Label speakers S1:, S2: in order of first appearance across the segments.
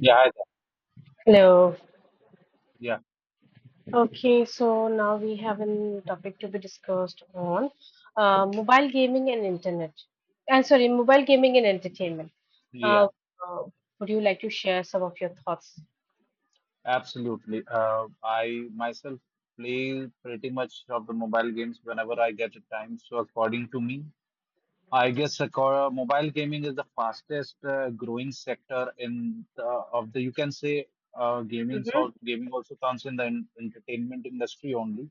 S1: Yeah, I-
S2: Hello.
S1: yeah,
S2: Okay, so now we have a topic to be discussed on mobile gaming and internet. I'm sorry, mobile gaming and entertainment. Uh,
S1: yeah,
S2: uh, would you like to share some of your thoughts?
S1: absolutely. I myself play pretty much of the mobile games whenever I get a time. So according to me, mobile gaming is the fastest growing sector in the, of the you can say gaming.
S2: Mm-hmm.
S1: So gaming also comes in the entertainment industry only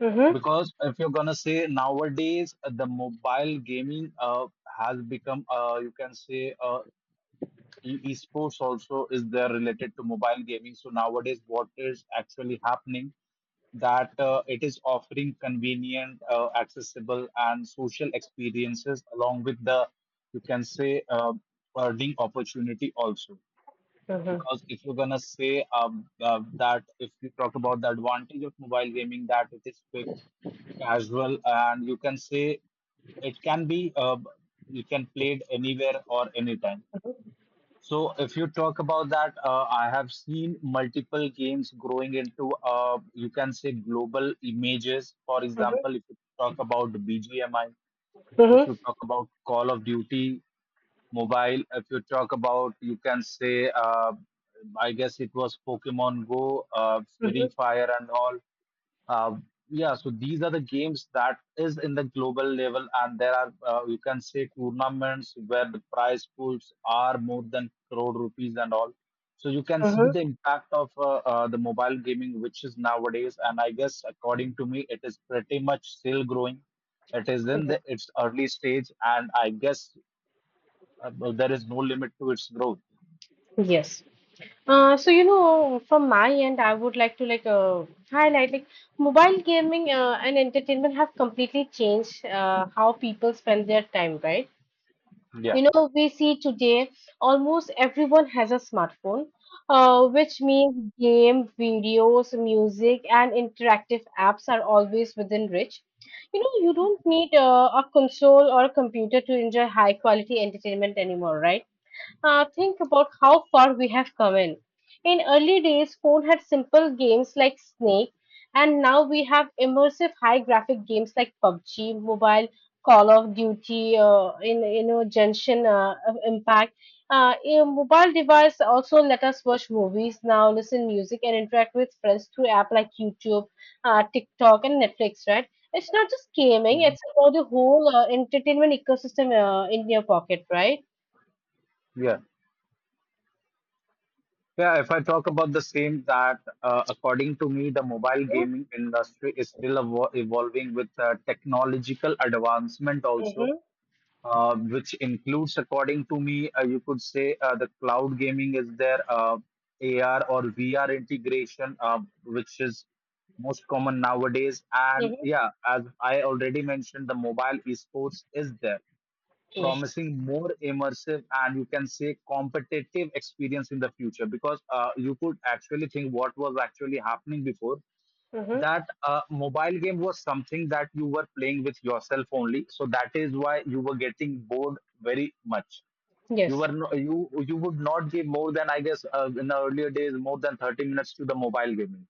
S2: Mm-hmm.
S1: because if you're gonna say nowadays the mobile gaming has become you can say esports also is there related to mobile gaming. So nowadays what is actually happening that it is offering convenient, accessible and social experiences along with the you can say earning opportunity also,
S2: Mm-hmm.
S1: because if you're gonna say that if you talk about the advantage of mobile gaming, that it is quick, casual and you can say it can be you can play it anywhere or anytime. So if you talk about that, I have seen multiple games growing into you can say global images. For example,
S2: Mm-hmm.
S1: if you talk about BGMI, if
S2: Mm-hmm.
S1: you talk about Call of Duty mobile, if you talk about you can say I guess it was Pokemon Go,
S2: Mm-hmm.
S1: Free Fire, and all. Uh, yeah, so these are the games that is in the global level, and there are you can say tournaments where the prize pools are more than crore rupees and all. So you can see
S2: Mm-hmm.
S1: the impact of the mobile gaming, which is nowadays, and I guess according to me, it is pretty much still growing. It is in its early stage, and I guess there is no limit to its growth.
S2: Yes. From my end, I would like to highlight like mobile gaming and entertainment have completely changed how people spend their time, right?
S1: Yeah.
S2: You know, we see today almost everyone has a smartphone, which means game videos, music, and interactive apps are always within reach. You know, you don't need a console or a computer to enjoy high quality entertainment anymore, right? Think about how far we have come in. In early days, phone had simple games like Snake, and now we have immersive high graphic games like PUBG, Mobile, Call of Duty, in you know Genshin of Impact. A mobile device also let us watch movies now, listen music, and interact with friends through app like YouTube, TikTok, and Netflix. Right? It's not just gaming;
S1: Mhm.
S2: it's about the whole entertainment ecosystem in your pocket, right?
S1: Yeah. Yeah, if I talk about the same, that according to me, the mobile gaming industry is still evolving with technological advancement also,
S2: Mm-hmm.
S1: which includes, according to me, you could say the cloud gaming is there, AR or VR integration, which is most common nowadays. And
S2: Mm-hmm.
S1: yeah, as I already mentioned, the mobile esports is there,
S2: Yes.
S1: promising more immersive and you can say competitive experience in the future, because you could actually think what was actually happening before,
S2: Mm-hmm.
S1: that mobile game was something that you were playing with yourself only, so that is why you were getting bored very much. You
S2: Yes.
S1: were no, you would not give more than I guess in the earlier days more than 30 minutes to the mobile gaming,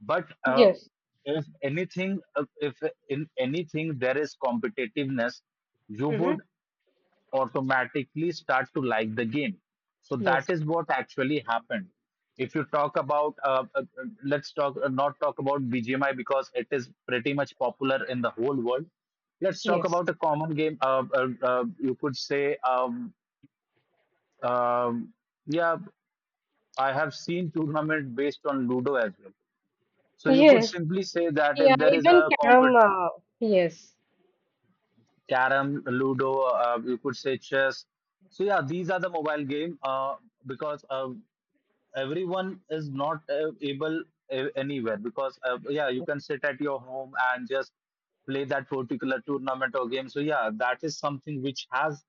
S1: but
S2: Yes.
S1: if anything if in anything there is competitiveness, you would
S2: Mm-hmm.
S1: automatically start to like the game. So that
S2: Yes.
S1: is what actually happened. If you talk about, let's talk not talk about BGMI, because it is pretty much popular in the whole world. Let's talk
S2: Yes.
S1: about a common game. You could say, um, yeah, I have seen tournament based on Ludo as well. So you could
S2: Yes.
S1: simply say that if
S2: Yeah.
S1: there is
S2: Even
S1: a
S2: carom.
S1: compet
S2: Yes.
S1: carom, Ludo, you could say chess. So yeah, these are the mobile game because everyone is not able anywhere, because yeah, you can sit at your home and just play that particular tournament or game. So yeah, that is something which has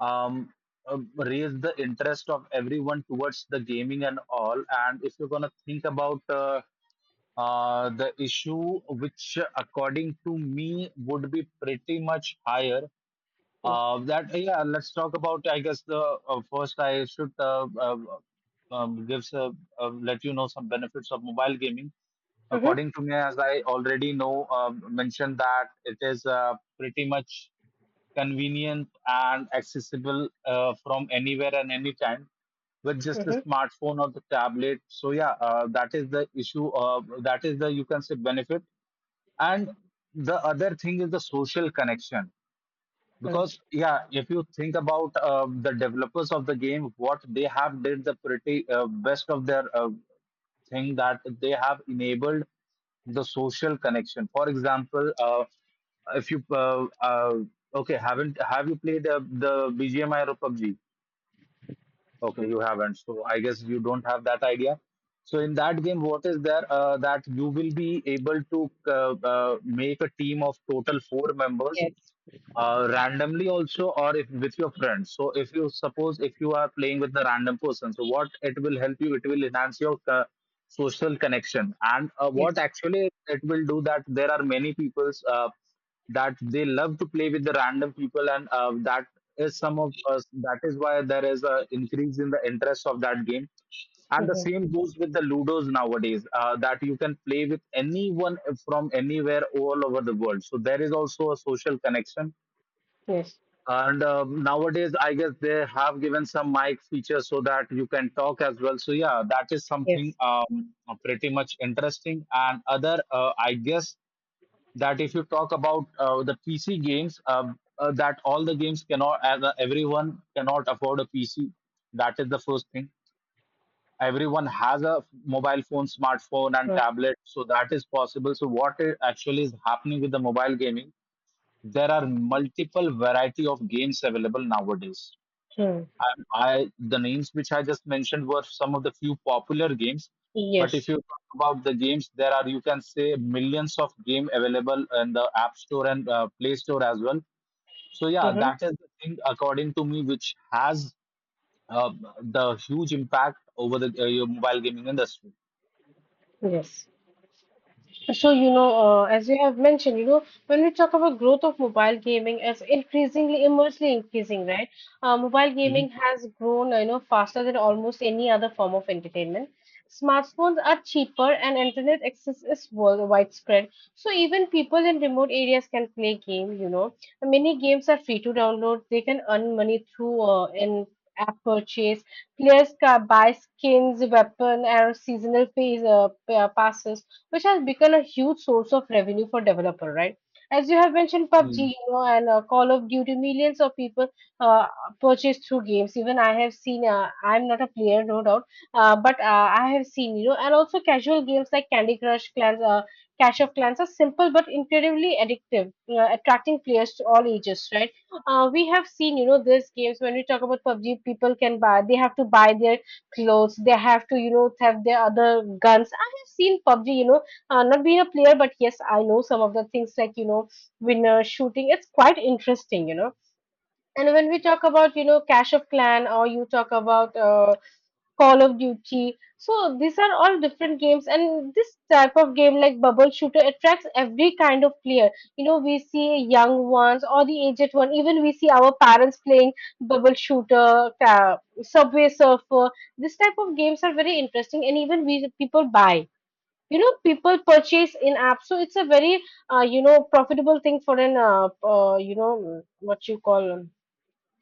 S1: um, raised the interest of everyone towards the gaming and all. And if you're going to think about the issue which according to me would be pretty much higher,
S2: Yes.
S1: that yeah, let's talk about. I guess the first I should gives let you know some benefits of mobile gaming.
S2: Mm-hmm.
S1: According to me, as I already know, mentioned that it is pretty much convenient and accessible from anywhere and anytime with just a
S2: Mm-hmm.
S1: smartphone or the tablet. So yeah, that is the issue. That is the you can say benefit, and the other thing is the social connection,
S2: Mm.
S1: because yeah, if you think about the developers of the game what they have did the pretty best of their thing, that they have enabled the social connection. For example, if you okay, haven't have you played the BGMI or PUBG? Okay, you haven't. So I guess you don't have that idea. So in that game, what is there that you will be able to make a team of total four members,
S2: Yes.
S1: randomly also, or if with your friends. So if you suppose if you are playing with the random person, so what it will help you, it will enhance your social connection. And what
S2: Yes.
S1: actually it will do, that there are many people's that they love to play with the random people. And that is some of us. That is why there is a increase in the interest of that game. And the
S2: Mm-hmm.
S1: same goes with the Ludos nowadays, that you can play with anyone from anywhere all over the world. So there is also a social connection.
S2: Yes.
S1: And nowadays, I guess they have given some mic features so that you can talk as well. So yeah, that is something
S2: Yes.
S1: pretty much interesting. And other, I guess that if you talk about the PC games, that all the games cannot, as everyone cannot afford a PC. That is the first thing. Everyone has a mobile phone, smartphone, and tablet, so that is possible. So what actually is happening with the mobile gaming? There are multiple variety of games available nowadays.
S2: Mm-hmm.
S1: And I the names which I just mentioned were some of the few popular games, but if
S2: Yes.
S1: you talk about the games, there are you can say millions of game available in the App Store and Play Store as well. So yeah,
S2: Mm-hmm.
S1: that is the thing according to me which has uh, the huge impact over the your mobile gaming industry.
S2: Yes. So, you know, as you have mentioned, you know, when we talk about growth of mobile gaming, it's increasingly, immensely increasing, right? Mobile
S1: Mhm.
S2: gaming has grown, you know, faster than almost any other form of entertainment. Smartphones are cheaper and internet access is widespread. So even people in remote areas can play game, you know. Many games are free to download. They can earn money through in app purchase. Players can buy skins, weapon, or seasonal phase, passes, which has become a huge source of revenue for developer, right? As you have mentioned, PUBG,
S1: Mm.
S2: you know, and Call of Duty, millions of people uh, purchase through games. Even I have seen, I'm not a player, no doubt, but I have seen, you know, and also casual games like Candy Crush, Clans, Clash of Clans are simple but incredibly addictive, attracting players to all ages, right? We have seen, you know, these games when we talk about PUBG, people can buy, they have to buy their clothes, they have to, you know, have their other guns. I have seen PUBG, you know, not being a player, but yes, I know some of the things like, you know, winner shooting. It's quite interesting, you know. And when we talk about, you know, Clash of Clan or you talk about Call of Duty, so these are all different games. And this type of game like Bubble Shooter attracts every kind of player. You know, we see young ones or the aged one. Even we see our parents playing Bubble Shooter, Subway Surfer. This type of games are very interesting, and even we people buy, you know, people purchase in apps, so it's a very you know profitable thing for an you know what you call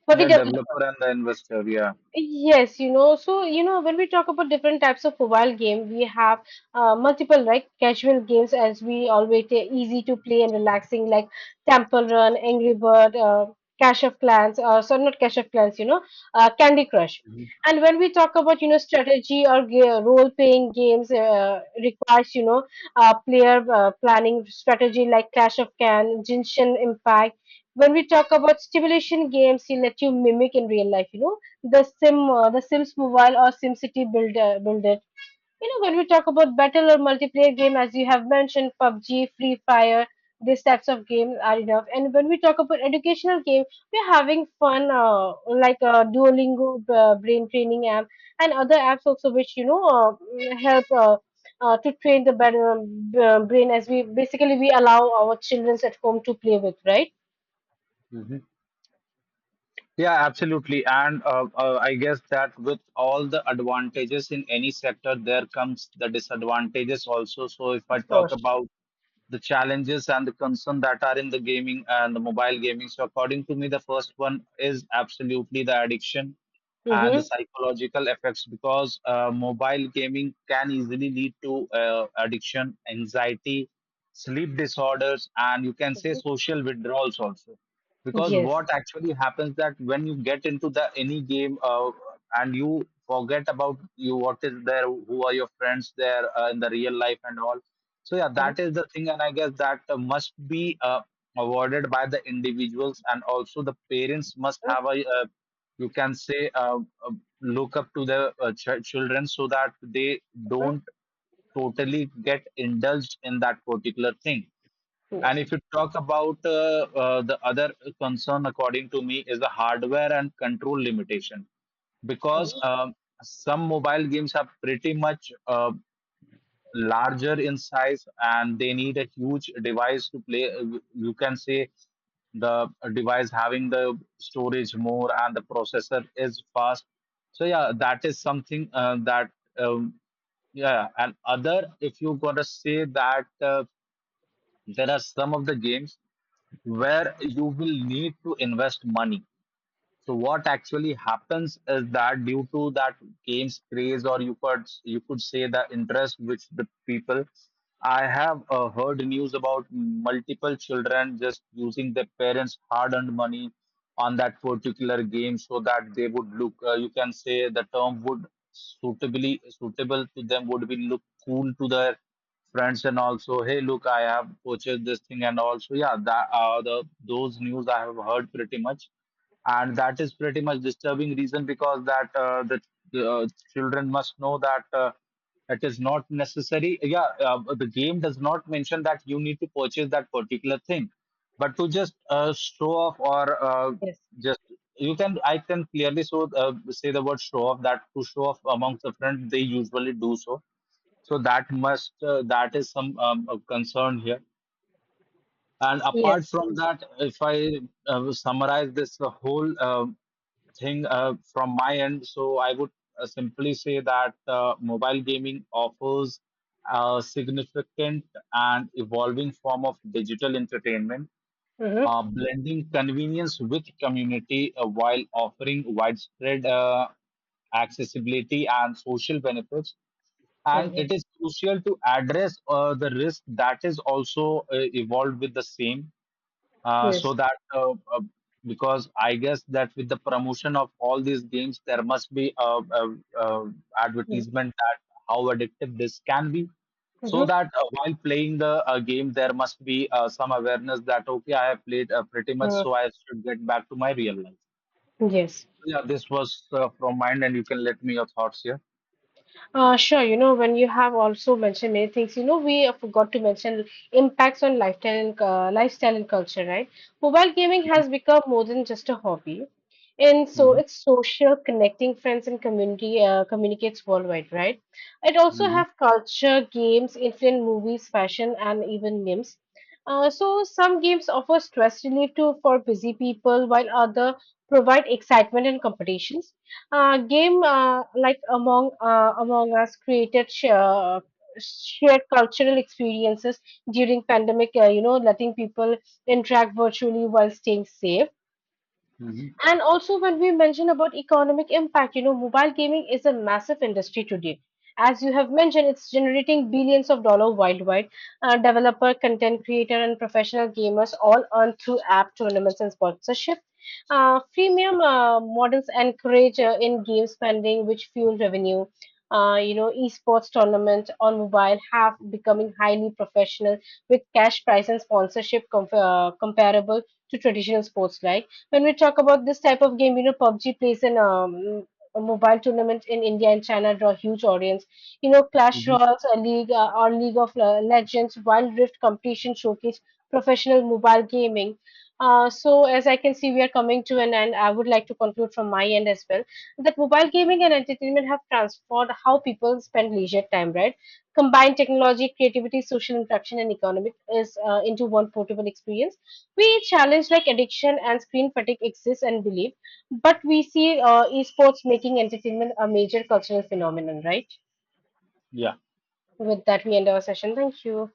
S2: for the
S1: Yeah,
S2: developer.
S1: developer and the investor. Yeah.
S2: Yes, you know, so you know, when we talk about different types of mobile game, we have multiple like casual games as we always say, easy to play and relaxing, like Temple Run, Angry Bird, Clash of Clans, sorry, not Clash of Clans, you know, Candy Crush.
S1: Mhm.
S2: And when we talk about, you know, strategy or role-playing games, requires you know player planning strategy like Clash of Clans, Genshin Impact. When we talk about stimulation games, they let you mimic in real life, you know, the Sim, the Sims Mobile or SimCity Builder. You know, when we talk about battle or multiplayer game, as you have mentioned, PUBG, Free Fire, these types of games are enough. And when we talk about educational game, we're having fun, like Duolingo, brain training app, and other apps also, which you know help. To train the better, brain, as we basically we allow our children at home to play with, right?
S1: Mhm. Yeah, absolutely. And I guess that with all the advantages in any sector, there comes the disadvantages also. So if I
S2: Of
S1: talk
S2: course.
S1: about the challenges and the concern that are in the gaming and the mobile gaming. So according to me, the first one is absolutely the addiction and the
S2: Mm-hmm.
S1: psychological effects, because mobile gaming can easily lead to addiction, anxiety, sleep disorders, and you can say social withdrawals also, because
S2: Yes.
S1: what actually happens, that when you get into the any game and you forget about you what is there, who are your friends there in the real life and all. So yeah,
S2: Mhm.
S1: that is the thing. And I guess that must be avoided by the individuals, and also the parents must have a you can say uh, look up to the children so that they
S2: Mhm.
S1: don't totally get indulged in that particular thing. And
S2: Yes.
S1: if you talk about the other concern, according to me, is the hardware and control limitation, because
S2: Mhm.
S1: some mobile games are pretty much larger in size and they need a huge device to play. You can say the device having the storage more and the processor is fast. So yeah, that is something that um, yeah. And other, if you gotta say that there are some of the games where you will need to invest money. So what actually happens is that due to that games craze, or you could say the interest which the people, I have heard news about multiple children just using their parents' hard-earned money on that particular game so that they would look. You can say the term would suitably suitable to them would be look cool to their friends, and also, hey look, I have purchased this thing. And also yeah, that the those news I have heard pretty much, and that is pretty much disturbing reason, because that the uh, children must know that it is not necessary. Yeah, the game does not mention that you need to purchase that particular thing, but to just show off or
S2: Yes.
S1: just you can, I can clearly so say the word show off, that to show off amongst the friends they usually do so. So that must that is some concern here. And apart
S2: Yes.
S1: from that, if I summarize this whole thing from my end, so I would simply say that mobile gaming offers a significant and evolving form of digital entertainment,
S2: Mm-hmm.
S1: blending convenience with community while offering widespread accessibility and social benefits. And
S2: Mm-hmm.
S1: it is crucial to address the risk that is also evolved with the same, so
S2: Yes.
S1: that because I guess that with the promotion of all these games, there must be a
S2: Mm-hmm.
S1: advertisement that how addictive this can be. So
S2: Mm-hmm.
S1: that while playing the game, there must be some awareness that okay, I have played pretty much,
S2: Uh,
S1: so I should get back to my real life.
S2: yes.
S1: So, yeah, this was from mine, and you can let me your thoughts here.
S2: Sure, you know, when you have also mentioned many things, you know, we forgot to mention impacts on lifestyle and, lifestyle and culture, right? Mobile gaming
S1: Mhm.
S2: has become more than just a hobby. And so
S1: Mhm.
S2: it's social, connecting friends and community communicates worldwide, right? It also
S1: Mhm.
S2: have culture, games, influence movies, fashion, and even memes. So some games offer stress relief to for busy people, while other provide excitement and competitions. Game like among us created shared cultural experiences during pandemic, you know, letting people interact virtually while staying safe.
S1: Mhm.
S2: And also, when we mention about economic impact, you know, mobile gaming is a massive industry today. As you have mentioned, it's generating billions of dollars worldwide. Developer, content creator, and professional gamers all earn through app tournaments and sponsorship. Freemium models encourage in-game spending, which fuel revenue. You know, esports tournaments on mobile have becoming highly professional with cash prize and sponsorship comparable to traditional sports like when we talk about this type of game, you know, PUBG plays an a mobile tournament in India and China draw huge audience. You know, Clash
S1: Mhm.
S2: Royals, a league or League of Legends, Wild Rift competition showcase professional mobile gaming. So as I can see, we are coming to an end. I would like to conclude from my end as well that mobile gaming and entertainment have transformed how people spend leisure time, right? Combine technology, creativity, social interaction, and economic is into one portable experience. We challenge like addiction and screen fatigue exists and believe, but we see esports making entertainment a major cultural phenomenon, right?
S1: Yeah.
S2: With that, we end our session. Thank you.